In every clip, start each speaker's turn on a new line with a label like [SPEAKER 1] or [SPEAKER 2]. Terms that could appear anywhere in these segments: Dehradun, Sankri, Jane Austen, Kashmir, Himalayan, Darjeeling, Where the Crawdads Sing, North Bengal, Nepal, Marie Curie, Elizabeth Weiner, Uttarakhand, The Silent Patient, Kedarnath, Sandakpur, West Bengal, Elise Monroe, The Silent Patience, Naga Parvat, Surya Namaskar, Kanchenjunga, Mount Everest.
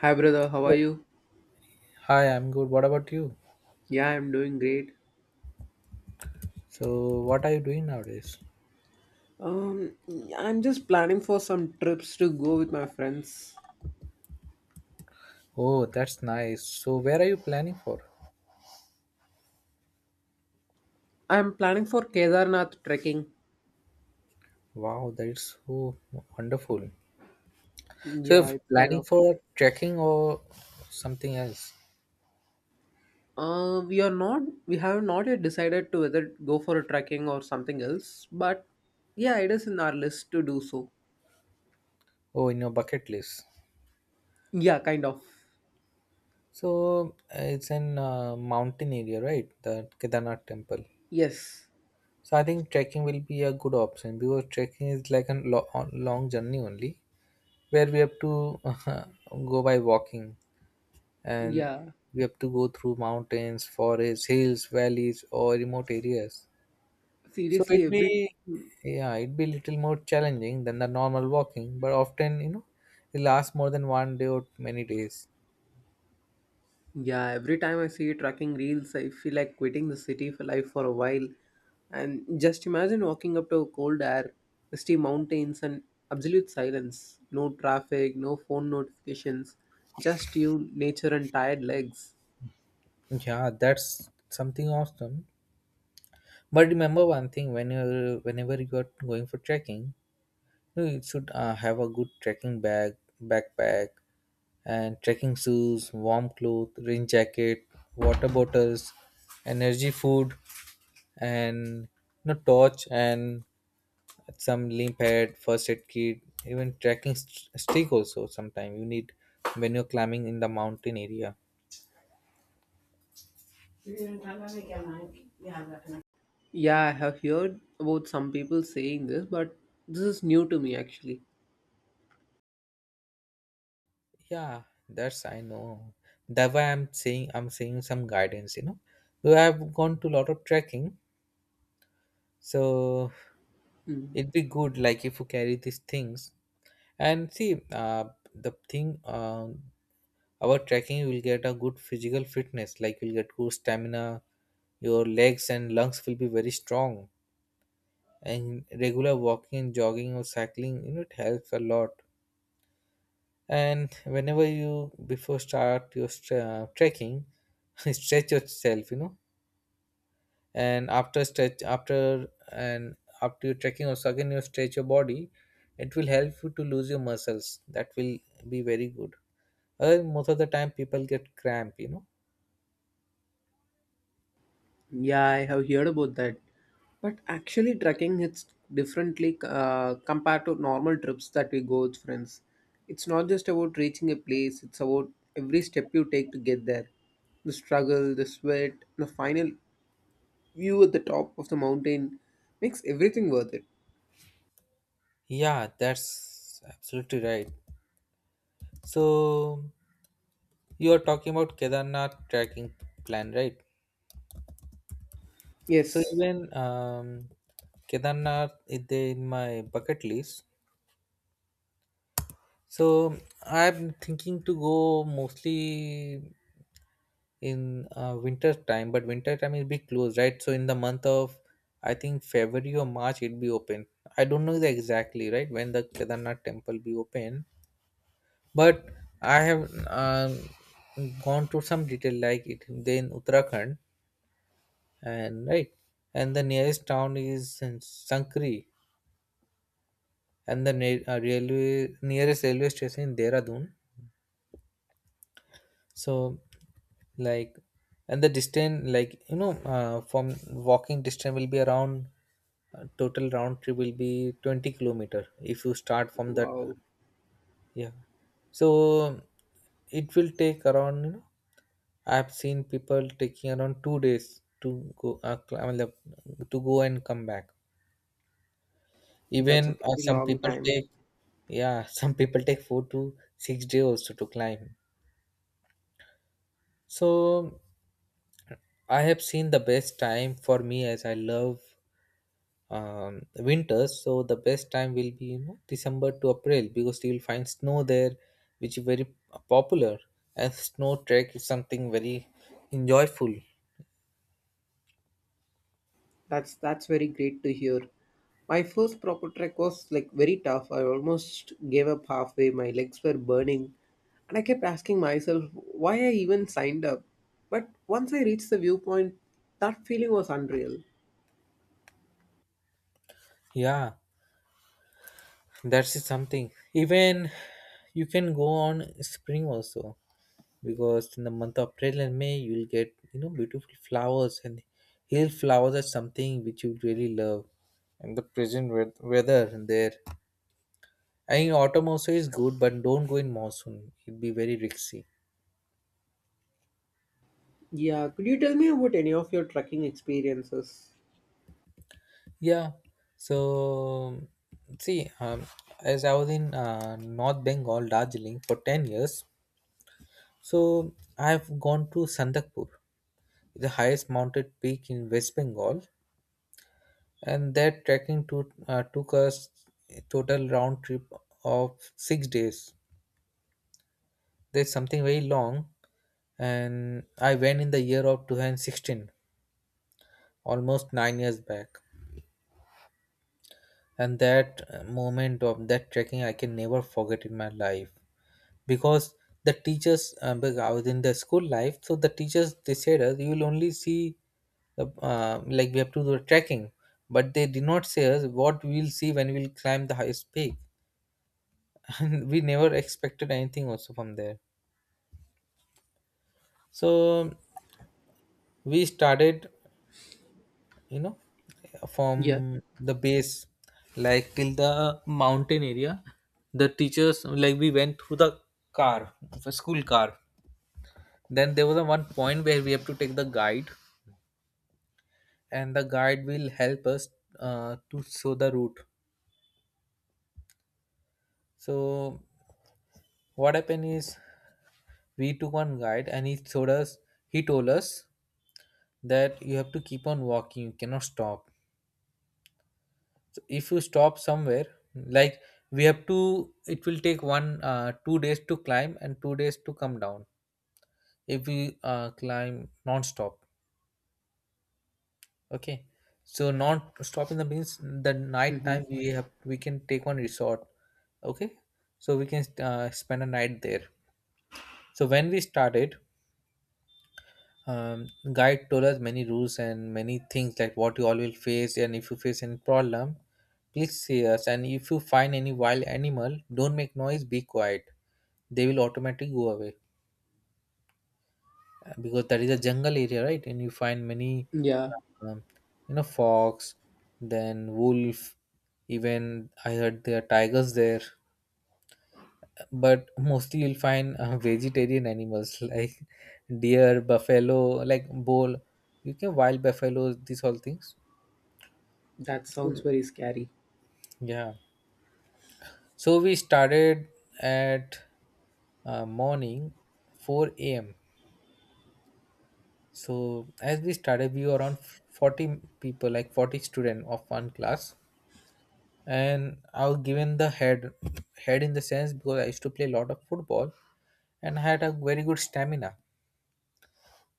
[SPEAKER 1] Hi brother, how are
[SPEAKER 2] Good.
[SPEAKER 1] you?
[SPEAKER 2] Hi, I'm good. What about you?
[SPEAKER 1] Yeah, I'm doing great.
[SPEAKER 2] So, what are you doing nowadays?
[SPEAKER 1] Um, I'm just planning for some trips to go with my friends.
[SPEAKER 2] Oh, that's nice. So, where are you planning for?
[SPEAKER 1] I'm planning for Kedarnath trekking.
[SPEAKER 2] Wow, that is so wonderful. So, you're
[SPEAKER 1] Yeah, it's kind
[SPEAKER 2] planning
[SPEAKER 1] of.
[SPEAKER 2] for trekking or something else?
[SPEAKER 1] We are not. We have not yet decided to whether go for a trekking or something else. But yeah, it is in our list to do so.
[SPEAKER 2] Oh, in your bucket list.
[SPEAKER 1] Yeah, kind of.
[SPEAKER 2] So, it's in mountain area, right? The Kedarnath temple.
[SPEAKER 1] Yes.
[SPEAKER 2] So, I think trekking will be a good option because trekking is like a long journey only, where we have to go by walking. And
[SPEAKER 1] Yeah.
[SPEAKER 2] we have to go through mountains, forests, hills, valleys, or remote areas. So
[SPEAKER 1] Seriously,
[SPEAKER 2] it'd
[SPEAKER 1] every
[SPEAKER 2] be, yeah, it'd be little more challenging than the normal walking, but often, it lasts more than one day or many days.
[SPEAKER 1] Yeah, every time I see tracking reels, I feel like quitting the city for life for a while. And just imagine walking up to cold air, misty mountains, and absolute silence. No traffic, no phone notifications, just you, nature, and tired legs.
[SPEAKER 2] Yeah, that's something awesome. But remember one thing: whenever you are going for trekking, you should have a good trekking bag, backpack, and trekking shoes, warm clothes, rain jacket, water bottles, energy food, and torch and some limp pad, first aid kit, even trekking stick also. Sometimes you need when you're climbing in the mountain area.
[SPEAKER 1] Yeah, I have heard about some people saying this, but this is new to me actually.
[SPEAKER 2] Yeah, that's I know. That why I'm saying some guidance. So I've gone to a lot of trekking, so
[SPEAKER 1] Mm.
[SPEAKER 2] it'd be good like if you carry these things and see, the thing. Our trekking, you will get a good physical fitness, like you'll get good stamina, your legs and lungs will be very strong. And regular walking, jogging, or cycling, it helps a lot. And whenever you, before start your trekking, stretch yourself. And after stretch, after, and after you trekking also, again you stretch your body, it will help you to lose your muscles. That will be very good. Other most of the time people get cramp.
[SPEAKER 1] Yeah, I have heard about that. But actually, trekking hits differently compared to normal trips that we go with friends. It's not just about reaching a place, it's about every step you take to get there. The struggle, the sweat, the final view at the top of the mountain makes everything worth it.
[SPEAKER 2] Yeah, that's absolutely right. So, you are talking about Kedarnath tracking plan, right? So
[SPEAKER 1] Yes,
[SPEAKER 2] even, Kedarnath is there in my bucket list. So I'm thinking to go mostly in winter time, but winter time will be closed, right? So in the month of, I think, February or March it'll be open. I don't know the exactly right when the Kedarnath temple be open, but I have gone to some detail like it then Uttarakhand and right and the nearest town is in Sankri and the ne- railway nearest railway station in Dehradun. So, like, and the distance, like, from walking distance will be around, total round trip will be 20-kilometer if you start from that.
[SPEAKER 1] wow,
[SPEAKER 2] Yeah. So it will take around, I've seen people taking around 2 days to go, I mean, to go and come back.
[SPEAKER 1] that's a
[SPEAKER 2] Even
[SPEAKER 1] pretty
[SPEAKER 2] some
[SPEAKER 1] long
[SPEAKER 2] people
[SPEAKER 1] time.
[SPEAKER 2] take yeah, some people take 4 to 6 days also to climb. So I have seen the best time for me as I love, winters. So the best time will be, December to April, because you will find snow there, which is very popular. And snow trek is something very enjoyable.
[SPEAKER 1] That's very great to hear. My first proper trek was like very tough. I almost gave up halfway. My legs were burning, and I kept asking myself why I even signed up. But once I reached the viewpoint, that feeling was unreal.
[SPEAKER 2] Yeah, that's something. Even you can go on spring also, because in the month of April and May you will get, beautiful flowers, and hill flowers are something which you really love. And the present weather and there, I mean autumn also is good, but don't go in monsoon. It'll be very risky.
[SPEAKER 1] Yeah, could you tell me about any of your trekking experiences?
[SPEAKER 2] Yeah. So see, as I was in North Bengal, Darjeeling for 10 years, so I have gone to Sandakpur, the highest mounted peak in West Bengal, and that trekking took us a total round trip of 6 days. There's something very long, and I went in the year of 2016, almost 9 years back. And that moment of that trekking, I can never forget in my life, because the teachers, because I was in the school life, so the teachers they said us you will only see the, like, we have to do trekking, but they did not say us what we will see when we will climb the highest peak. We never expected anything also from there, so we started, you know from
[SPEAKER 1] Yeah.
[SPEAKER 2] the base, like till the mountain area. The teachers, like, we went through the car, the school car, then there was a one point where we have to take the guide, and the guide will help us, to show the route. So what happened is we took one guide and he told us that you have to keep on walking, you cannot stop. So if you stop somewhere, like, we have to, it will take one, 2 days to climb and 2 days to come down if we, climb non-stop, okay? So not stopping the means, the night
[SPEAKER 1] Hmm.
[SPEAKER 2] time we can take one resort, okay? So we can, spend a night there. So when we started, um, guide told us many rules and many things like what you all will face, and if you face any problem please see us, and if you find any wild animal don't make noise, be quiet, they will automatically go away. Because that is a jungle area, right, and you find many,
[SPEAKER 1] Yeah,
[SPEAKER 2] um, fox, then wolf, even I heard there are tigers there, but mostly you'll find, vegetarian animals like deer, buffalo, like bull, you can wild buffaloes, these all things.
[SPEAKER 1] that sounds
[SPEAKER 2] So,
[SPEAKER 1] very scary.
[SPEAKER 2] yeah, so we started at, morning, 4 a.m., so as we started we were around 40 people, like 40 students of one class. And I was given the head, head in the sense because I used to play a lot of football, and I had a very good stamina.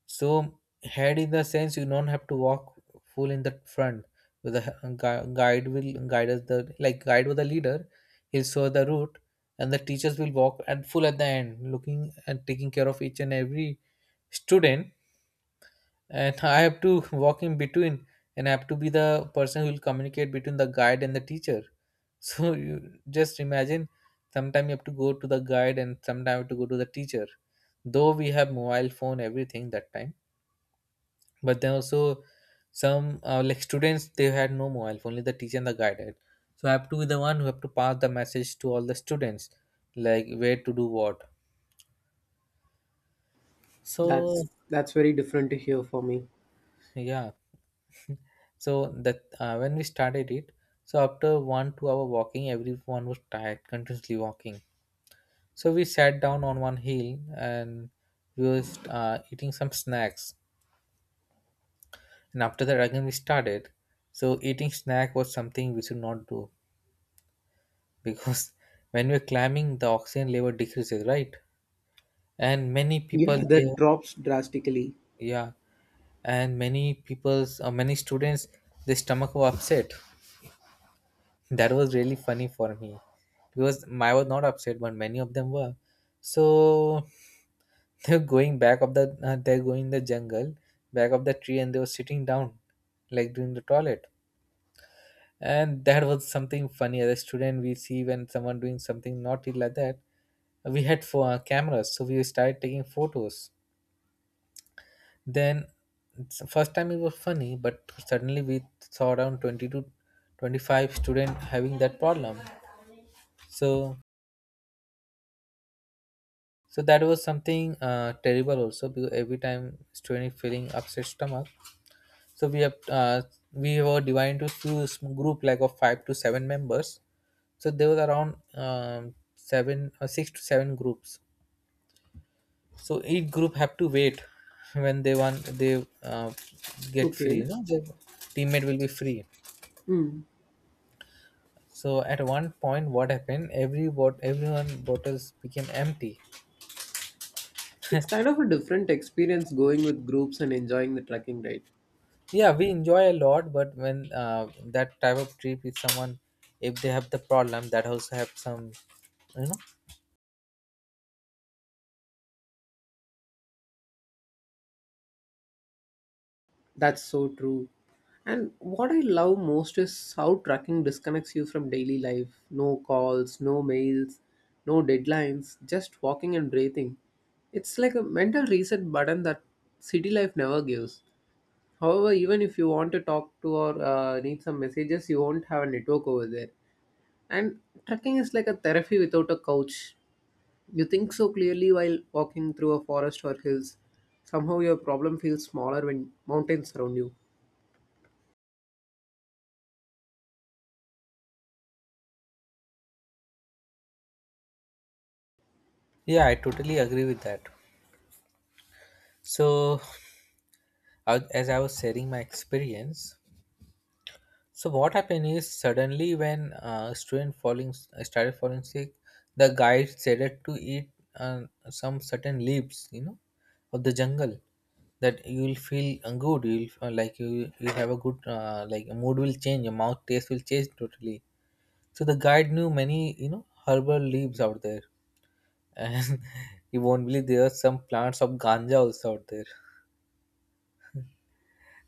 [SPEAKER 2] So, head in the sense, you don't have to walk full in the front. With the guide will guide us, the, like, guide with the leader. He'll show the route, and the teachers will walk and full at the end, looking and taking care of each and every student. And I have to walk in between, and I have to be the person who will communicate between the guide and the teacher. So you just imagine, sometimes you have to go to the guide, and sometimes you have to go to the teacher. Though we have mobile phone, everything that time, but then also some, like, students they had no mobile phone, only the teacher and the guide had, so I have to be the one who have to pass the message to all the students, like where to do what. So,
[SPEAKER 1] That's very different to hear for me.
[SPEAKER 2] yeah, so that, when we started it, so after one two hour walking everyone was tired, continuously walking, so we sat down on one hill, and we was, eating some snacks, and after that again we started. So eating snack was something we should not do, because when we're climbing the oxygen level decreases, right, and many people
[SPEAKER 1] Yeah,
[SPEAKER 2] they,
[SPEAKER 1] that drops drastically.
[SPEAKER 2] yeah, and many students, their stomach were upset. That was really funny for me because I was not upset, but many of them were, so they're going in the jungle, back of the tree, and they were sitting down, like doing the toilet, and that was something funny. As a student we see when someone doing something naughty like that, we had for, cameras, so we started taking photos. Then, first time it was funny, but suddenly we saw around 20 to 25 student having that problem, so so that was something, terrible also, because every time student feeling upset stomach. So we were divided into two group, like of five to seven members. So there was around, seven or six to seven groups. So each group have to wait when they want they, get free. You
[SPEAKER 1] Okay.
[SPEAKER 2] know, their teammate will be free. So at one point, what happened? Everyone bottles became empty.
[SPEAKER 1] It's kind of a different experience going with groups and enjoying the trekking, right?
[SPEAKER 2] Yeah, we enjoy a lot, but when, that type of trip with someone, if they have the problem, that also have some, you know.
[SPEAKER 1] That's so true. And what I love most is how tracking disconnects you from daily life. No calls, no mails, no deadlines, just walking and breathing. It's like a mental reset button that city life never gives. However, even if you want to talk to or need some messages, you won't have a network over there. And trekking is like a therapy without a couch. You think so clearly while walking through a forest or hills. Somehow your problem feels smaller when mountains surround you.
[SPEAKER 2] Yeah, I totally agree with that. So, as I was sharing my experience, so what happened is suddenly when, student falling started falling sick, the guide said to eat, uh, some certain leaves, of the jungle, that you will feel, good. You will, like, you have a good, like, mood will change. Your mouth taste will change totally. So the guide knew many, herbal leaves out there, and you won't believe there are some plants of ganja also out there.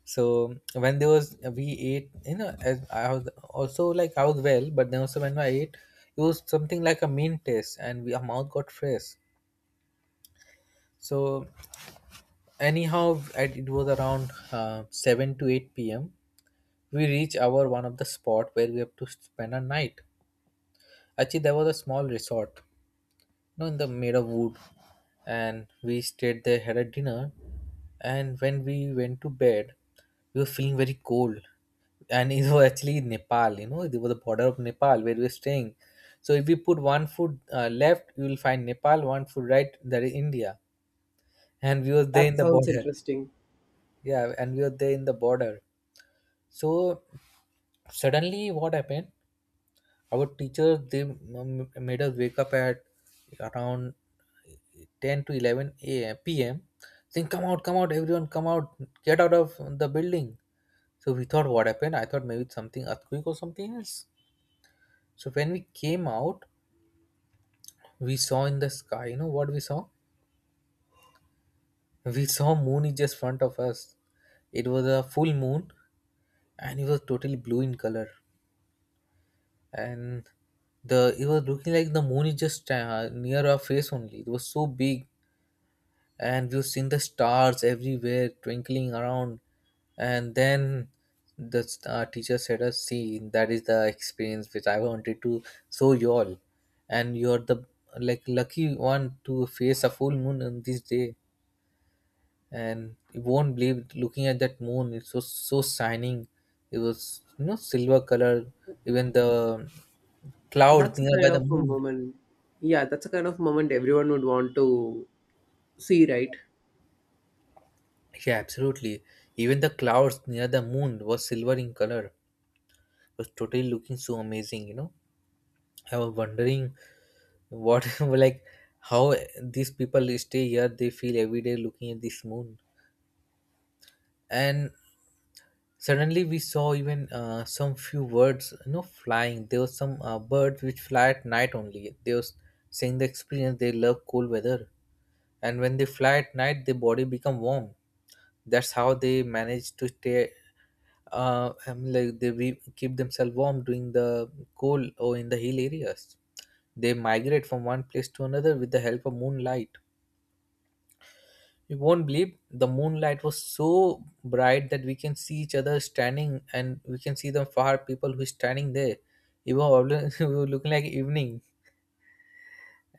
[SPEAKER 2] So when there was we ate, as I was also like I was well, but then also when I ate, it was something like a mint taste, and we, our mouth got fresh. So anyhow, it was around seven to eight p.m. We reached our one of the spot where we have to spend a night. Actually, there was a small resort know, in the made of wood, and we stayed there, had a dinner, and when we went to bed, we were feeling very cold, and it was actually in Nepal. You know, it was the border of Nepal where we were staying. So if we put one foot left, you will find Nepal. One foot right, that is India, and we were there
[SPEAKER 1] That
[SPEAKER 2] in the
[SPEAKER 1] sounds
[SPEAKER 2] border.
[SPEAKER 1] interesting.
[SPEAKER 2] Yeah, and we were there in the border. So suddenly, what happened? Our teachers they made us wake up at around 10 to 11 a.m. p.m. saying, come out, everyone, come out, get out of the building." So we thought, what happened? I thought maybe it's something earthquake or something else. So when we came out, we saw in the sky. You know what we saw? We saw moon is just front of us. It was a full moon, and it was totally blue in color. And the it was looking like the moon is just near our face only. It was so big, and we've seen the stars everywhere twinkling around. And then the teacher said us, see, that is the experience which I wanted to show you all, and you're the like lucky one to face a full moon on this day. And you won't believe, looking at that moon, it was so shining. It was silver color, even the cloud
[SPEAKER 1] That's a
[SPEAKER 2] nearby
[SPEAKER 1] kind
[SPEAKER 2] the
[SPEAKER 1] of a
[SPEAKER 2] moon.
[SPEAKER 1] moment. Yeah, that's a kind of moment everyone would want to see, right?
[SPEAKER 2] Yeah, absolutely. Even the clouds near the moon was silver in color, was totally looking so amazing. I was wondering what, like how these people stay here, they feel every day looking at this moon. And suddenly we saw even some few words flying. There was some birds which fly at night only, they was saying the experience, they love cool weather, and when they fly at night, their body become warm. That's how they manage to stay, I mean, like they we keep themselves warm during the cold or in the hill areas. They migrate from one place to another with the help of moonlight. You won't believe, the moonlight was so bright that we can see each other standing, and we can see the far people who is standing there. It was, we were looking like evening.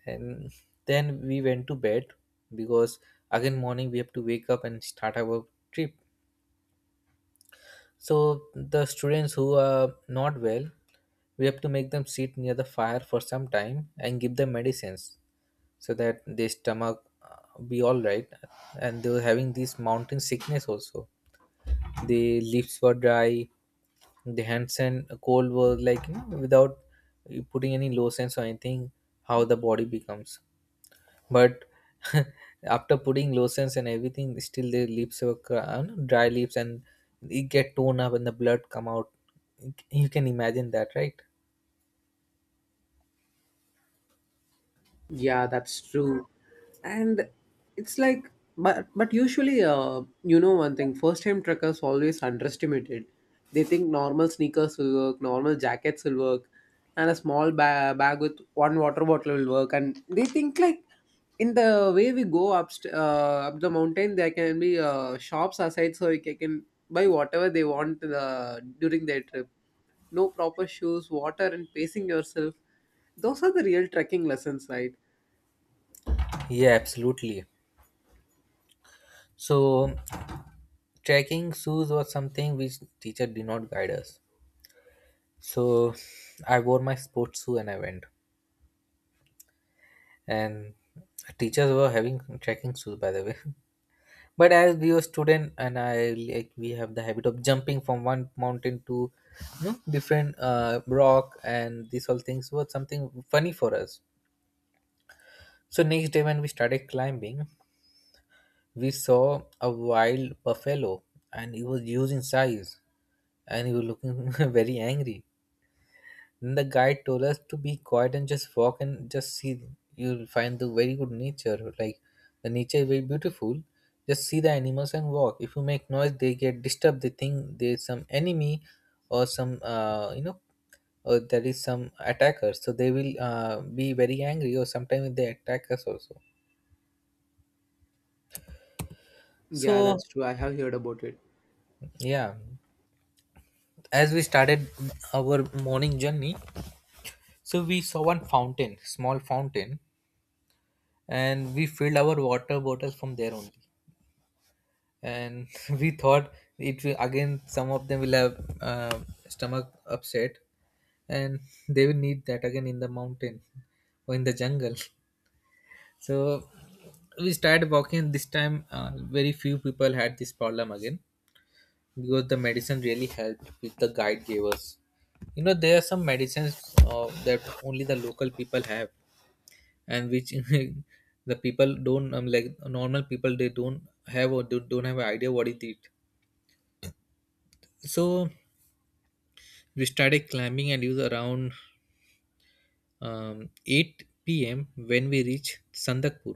[SPEAKER 2] And then we went to bed because again morning we have to wake up and start our trip. So the students who are not well, we have to make them sit near the fire for some time and give them medicines so that their stomach be all right, and they were having this mountain sickness also. The lips were dry, the hands and cold were like without putting any lotions or anything, how the body becomes. But after putting lotions and everything, still the lips were no, dry lips, and it get torn up and the blood come out. You can imagine that, right?
[SPEAKER 1] Yeah, that's true. And it's like, but usually, one thing, first time truckers always underestimated. They think normal sneakers will work, normal jackets will work, and a small bag with one water bottle will work. And they think like in the way we go up up the mountain, there can be shops aside, so they can buy whatever they want during their trip. No proper shoes, water, and pacing yourself. Those are the real trekking lessons, right?
[SPEAKER 2] Yeah, absolutely. So trekking shoes was something which teacher did not guide us, so I wore my sports shoe and I went, and teachers were having trekking shoes by the way. But as we were student, and I like we have the habit of jumping from one mountain to different rock, and these all things were something funny for us. So next day when we started climbing, we saw a wild buffalo, and he was huge in size, and he was looking very angry. Then the guide told us to be quiet and just walk and just see. You'll find the very good nature. Like, the nature is very beautiful. Just see the animals and walk. If you make noise, they get disturbed. They think there's some enemy or some, or there is some attacker. So they will be very angry, or sometimes they attack us also.
[SPEAKER 1] Yeah,
[SPEAKER 2] So
[SPEAKER 1] that's true. I have heard about it.
[SPEAKER 2] yeah, as we started our morning journey, so we saw one fountain, small fountain, and we filled our water bottles from there only. And we thought it will again, some of them will have stomach upset, and they will need that again in the mountain or in the jungle. So we started walking. This time very few people had this problem again, because the medicine really helped with the guide gave us. There are some medicines that only the local people have, and which the people don't, like normal people, they don't have, or don't have an idea what it is. So we started climbing, and it was around 8 p.m. when we reached Sandakpur.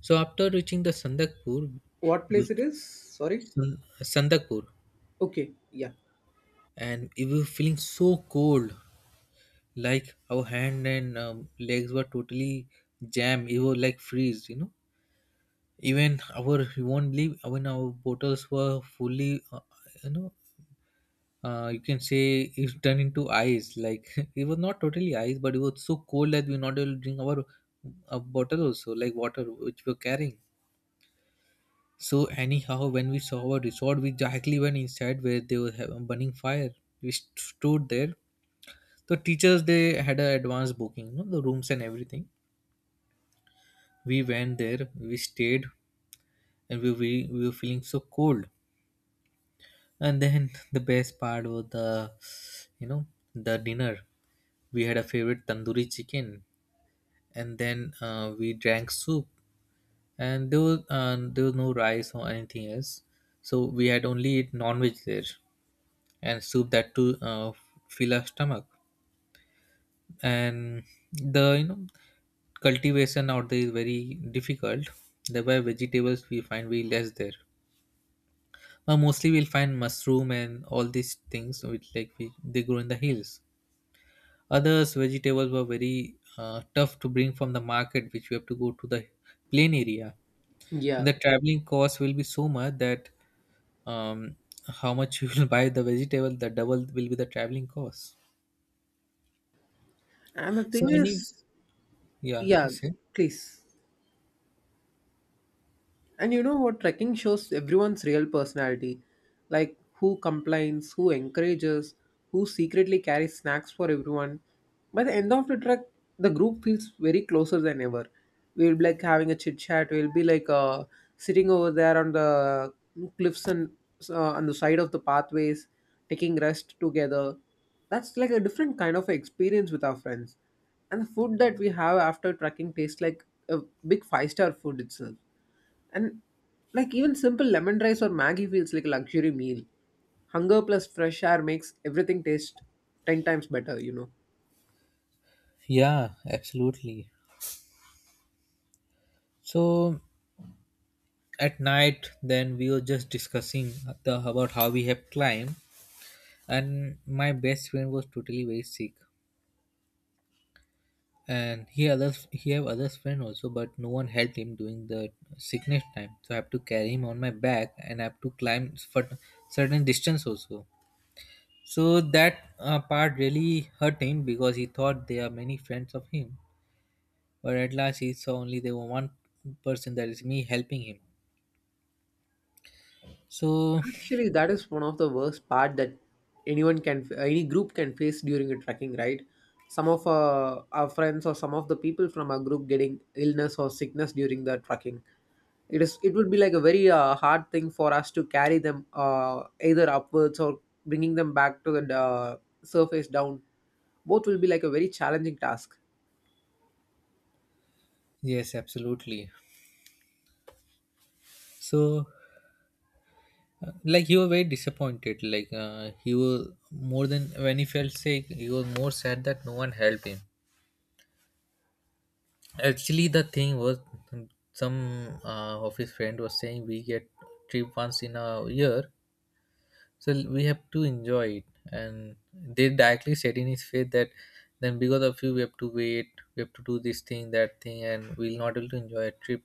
[SPEAKER 2] So after reaching the Sandakpur,
[SPEAKER 1] What
[SPEAKER 2] you
[SPEAKER 1] place it is? Sorry.
[SPEAKER 2] Sandakpur,
[SPEAKER 1] Okay. Yeah.
[SPEAKER 2] and we were feeling so cold, like our hand and legs were totally jammed. It was like freeze, you know. Even our you won't believe, even our bottles were fullyyou know, you can say it's turned into ice. Like, it was not totally ice, but it was so cold that we were not able to drink our a bottle also, like water which we were carrying. So anyhow, when we saw our resort, we directly went inside where they were burning fire. We stood there. The teachers, they had an advanced booking, the rooms and everything. We went there, we stayed, and we were feeling so cold. And then the best part was the you know the dinner. We had a favorite tandoori chicken, and then we drank soup, and there was no rice or anything else, so we had only eat non-veg there, and soup that to fill our stomach. And the, cultivation out there is very difficult, thereby vegetables we find very less there. Mostly we'll find mushroom and all these things which, like they grow in the hills. Others vegetables were very tough to bring from the market, which we have to go to the plain area, and
[SPEAKER 1] Yeah.
[SPEAKER 2] the traveling cost will be so much that, um, how much you will buy the vegetable, the double will be the traveling cost.
[SPEAKER 1] And the
[SPEAKER 2] So
[SPEAKER 1] thing
[SPEAKER 2] any
[SPEAKER 1] is,
[SPEAKER 2] yeah,
[SPEAKER 1] yeah,
[SPEAKER 2] please say.
[SPEAKER 1] please. And you know what? Trekking shows everyone's real personality like who complains, who encourages, who secretly carries snacks for everyone. By the end of the trek, the group feels very closer than ever. We'll be like having a chit chat, we'll be like sitting over there on the cliffs and on the side of the pathways, taking rest together. That's like a different kind of experience with our friends. And the food that we have after trekking tastes like a big five-star food itself. And like even simple lemon rice or maggi feels like a luxury meal. Hunger plus fresh air makes everything taste 10 times better, you know.
[SPEAKER 2] Yeah, absolutely. So at night, then we were just discussing about how we have climbed, and my best friend was totally very sick. And he have others friend also, but no one helped him during the sickness time. So I have to carry him on my back, and I have to climb for certain distance also, so that part really hurt him, because he thought there are many friends of him, but at last he saw only there were one person, that is me, helping him. So
[SPEAKER 1] Actually, that is one of the worst part that any group can face during a trekking, right? Some of our friends or some of the people from our group getting illness or sickness during the trekking. It would be like a very hard thing for us to carry them either upwards or bringing them back to the surface down. Both will be like a very challenging task.
[SPEAKER 2] yes, absolutely. So, like he was very disappointed. Like, he was more, than when he felt sick, he was more sad that no one helped him. Actually, the thing was, some of his friend was saying, we get trip once in a year, so we have to enjoy it. And they directly said in his face that, then because of you, we have to wait, we have to do this thing, that thing, and we'll not able to enjoy a trip.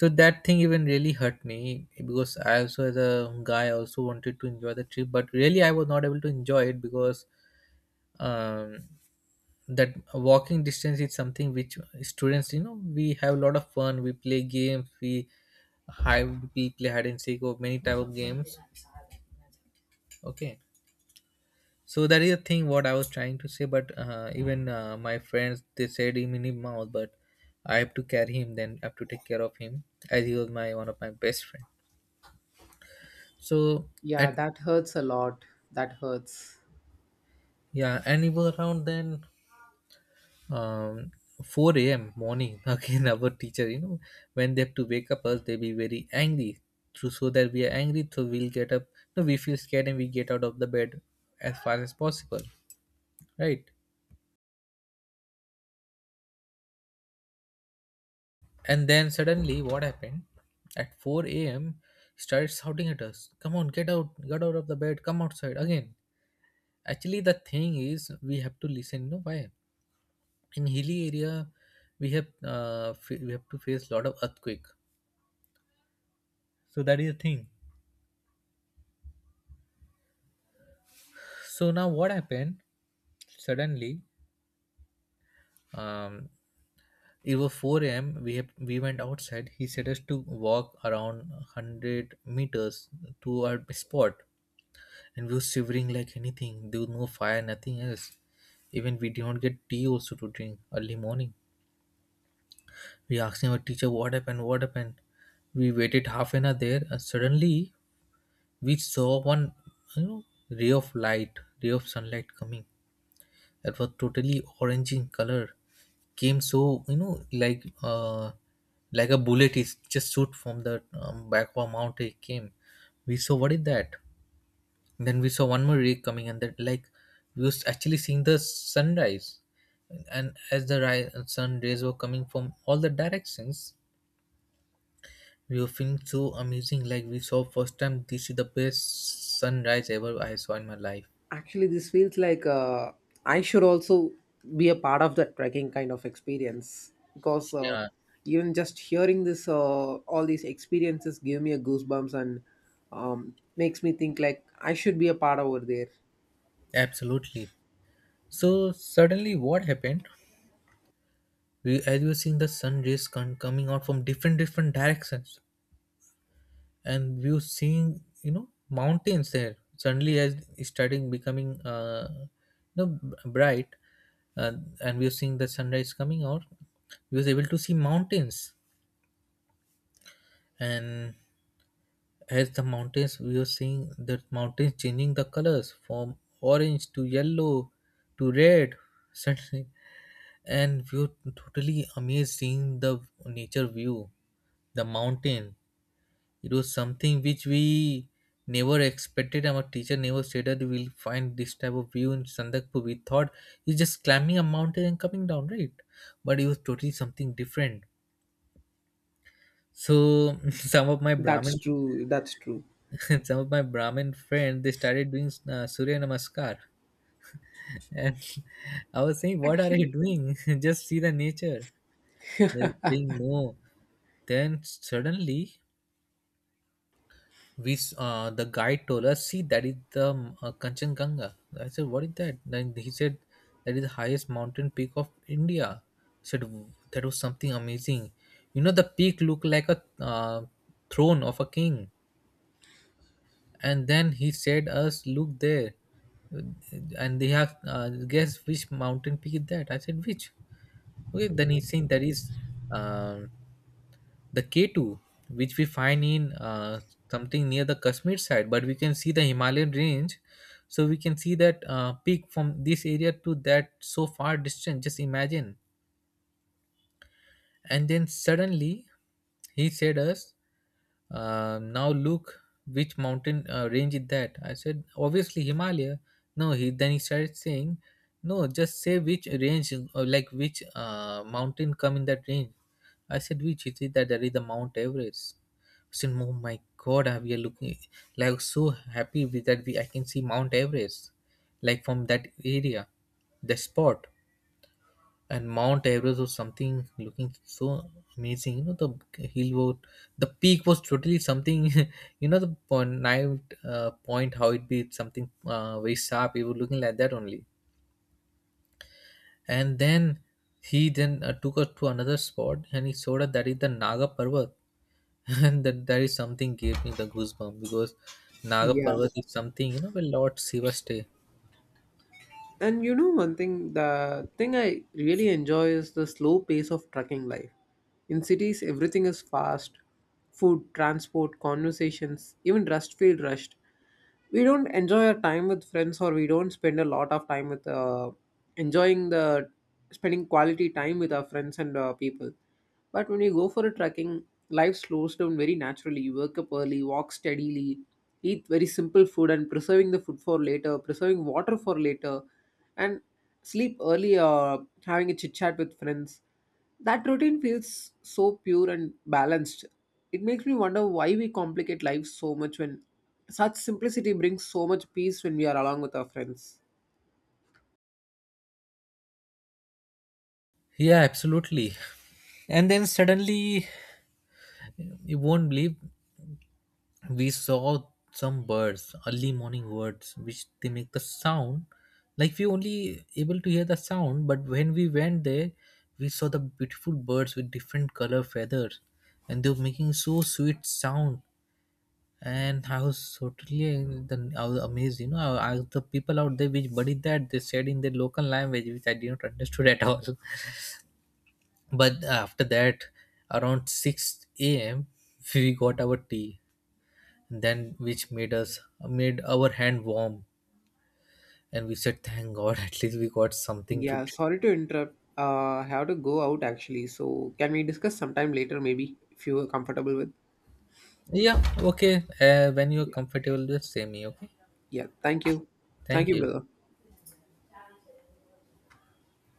[SPEAKER 2] So that thing even really hurt me, because I also, as a guy, I also wanted to enjoy the trip, but really I was not able to enjoy it, because um that walking distance is something which students, we have a lot of fun, we play games, we hide, we play hide and seek or many type of games. Okay, so that is the thing what I was trying to say. But even my friends, they said him in mouth, but I have to carry him, then I have to take care of him, as he was my one of my best friend. So
[SPEAKER 1] Yeah,
[SPEAKER 2] at
[SPEAKER 1] that hurts a lot. That hurts.
[SPEAKER 2] yeah, and he was around then, um, 4 a.m. morning. Again our teacher, when they have to wake up us, they be very angry, so that we are angry so we'll get up, no, we feel scared and we get out of the bed as fast as possible, right? And then suddenly, what happened? At 4 a.m. he started shouting at us, come on, get out, get out of the bed, come outside again. Actually, the thing is we have to listen, you know why? In hilly area, we have we have to face lot of earthquake. So that is the thing. So now, what happened? Suddenly, um, it was 4 a.m. We went outside. He said us to walk around 100 meters to our spot, and we were shivering like anything. There was no fire, nothing else. Even we did not get tea also to drink early morning. We asked our teacher what happened. We waited half an hour there, and suddenly we saw one, you know, ray of light, ray of sunlight coming that was totally orange in color came so you know like uh like a bullet is just shoot from the back of a mountain it came. We saw what is that. Then we saw one more ray coming, and that like we was actually seeing the sunrise. And as the sun rays were coming from all the directions, we were feeling so amazing, like we saw first time this is the best sunrise ever I saw in my life.
[SPEAKER 1] Actually, this feels like I should also be a part of that trekking kind of experience because
[SPEAKER 2] Yeah,
[SPEAKER 1] even just hearing this, all these experiences give me a goosebumps and makes me think like I should be a part over there.
[SPEAKER 2] absolutely. So suddenly what happened, we as we were seeing the sun rays coming out from different directions and we were seeing, you know, mountains there. Suddenly, as it's starting becoming you know bright, uh, and we were seeing the sunrise coming out, we was able to see mountains. And as the mountains, we were seeing the mountains changing the colors from orange to yellow to red suddenly. And we were totally amazed seeing the nature view, the mountain. It was something which we never expected. Our teacher never said that we'll find this type of view in Sandakpur. We thought it's just climbing a mountain and coming down, right? But it was totally something different. So some of my
[SPEAKER 1] That's
[SPEAKER 2] Brahmin,
[SPEAKER 1] true. That's true.
[SPEAKER 2] some of my Brahmin friends, they started doing Surya Namaskar, and I was saying, "What are you
[SPEAKER 1] Actually,
[SPEAKER 2] doing? Just see the nature." They're saying, "No." Then suddenly the guide told us, see, that is the kanchenjunga. I said, what is that? Then he said that is the highest mountain peak of india. I said, "W- that was something amazing. You know, the peak looked like a throne of a king." And then he said us, look there, and they have, guess which mountain peak is that. I said, which? Okay, then he's saying that is um the K2, which we find in something near the Kashmir side, but we can see the Himalayan range. So we can see that peak from this area to that so far distant. Just imagine. And then suddenly he said us, now look, which mountain range is that. I said, obviously himalaya. No, he then he started saying, no, just say which range, or like which mountain come in that range. I said, which? He said that there is the mount everest. I said, oh my god, we are looking, like, so happy with that, we I can see mount everest like from that area, the spot. And Mount Everest or something looking so amazing. You know, the hill was, the peak was totally something. You know, the point, knife point, how it be something very sharp. It was looking like that only. And then he then took us to another spot, and he showed us that is the Naga Parvat, and that is something gave me the goosebump, because Naga
[SPEAKER 1] Yeah.
[SPEAKER 2] Parvat is something you know where Lord Shiva stay.
[SPEAKER 1] And you know one thing, the thing I really enjoy is the slow pace of trucking life. In cities, everything is fast food, transport, conversations, even rust feel rushed. We don't enjoy our time with friends, or we don't spend a lot of time with enjoying the spending quality time with our friends and people. But when you go for a trekking, life slows down very naturally. You wake up early, walk steadily, eat very simple food, and preserving the food for later, preserving water for later, and sleep early or having a chit chat with friends. That routine feels so pure and balanced. It makes me wonder why we complicate life so much when such simplicity brings so much peace when we are along with our friends.
[SPEAKER 2] Yeah, absolutely. And then suddenly, you won't believe, we saw some birds, early morning birds, which they make the sound. Like, we only able to hear the sound, but when we went there, we saw the beautiful birds with different color feathers, and they were making so sweet sound. And I was totally I was amazed, you know, I asked the people out there, which buddy that, they said in their local language which I didn't understood at all. But after that, around 6 a.m. we got our tea, then which made us, made our hand warm, and we said thank god, at least we got something to
[SPEAKER 1] Yeah,
[SPEAKER 2] drink.
[SPEAKER 1] sorry to interrupt. I have to go out actually. So, can we discuss sometime later, maybe, if you are comfortable with?
[SPEAKER 2] Yeah, okay, when you're
[SPEAKER 1] Yeah,
[SPEAKER 2] comfortable just say me, okay.
[SPEAKER 1] yeah. Thank you. Thank
[SPEAKER 2] Thank
[SPEAKER 1] you,
[SPEAKER 2] you.
[SPEAKER 1] brother.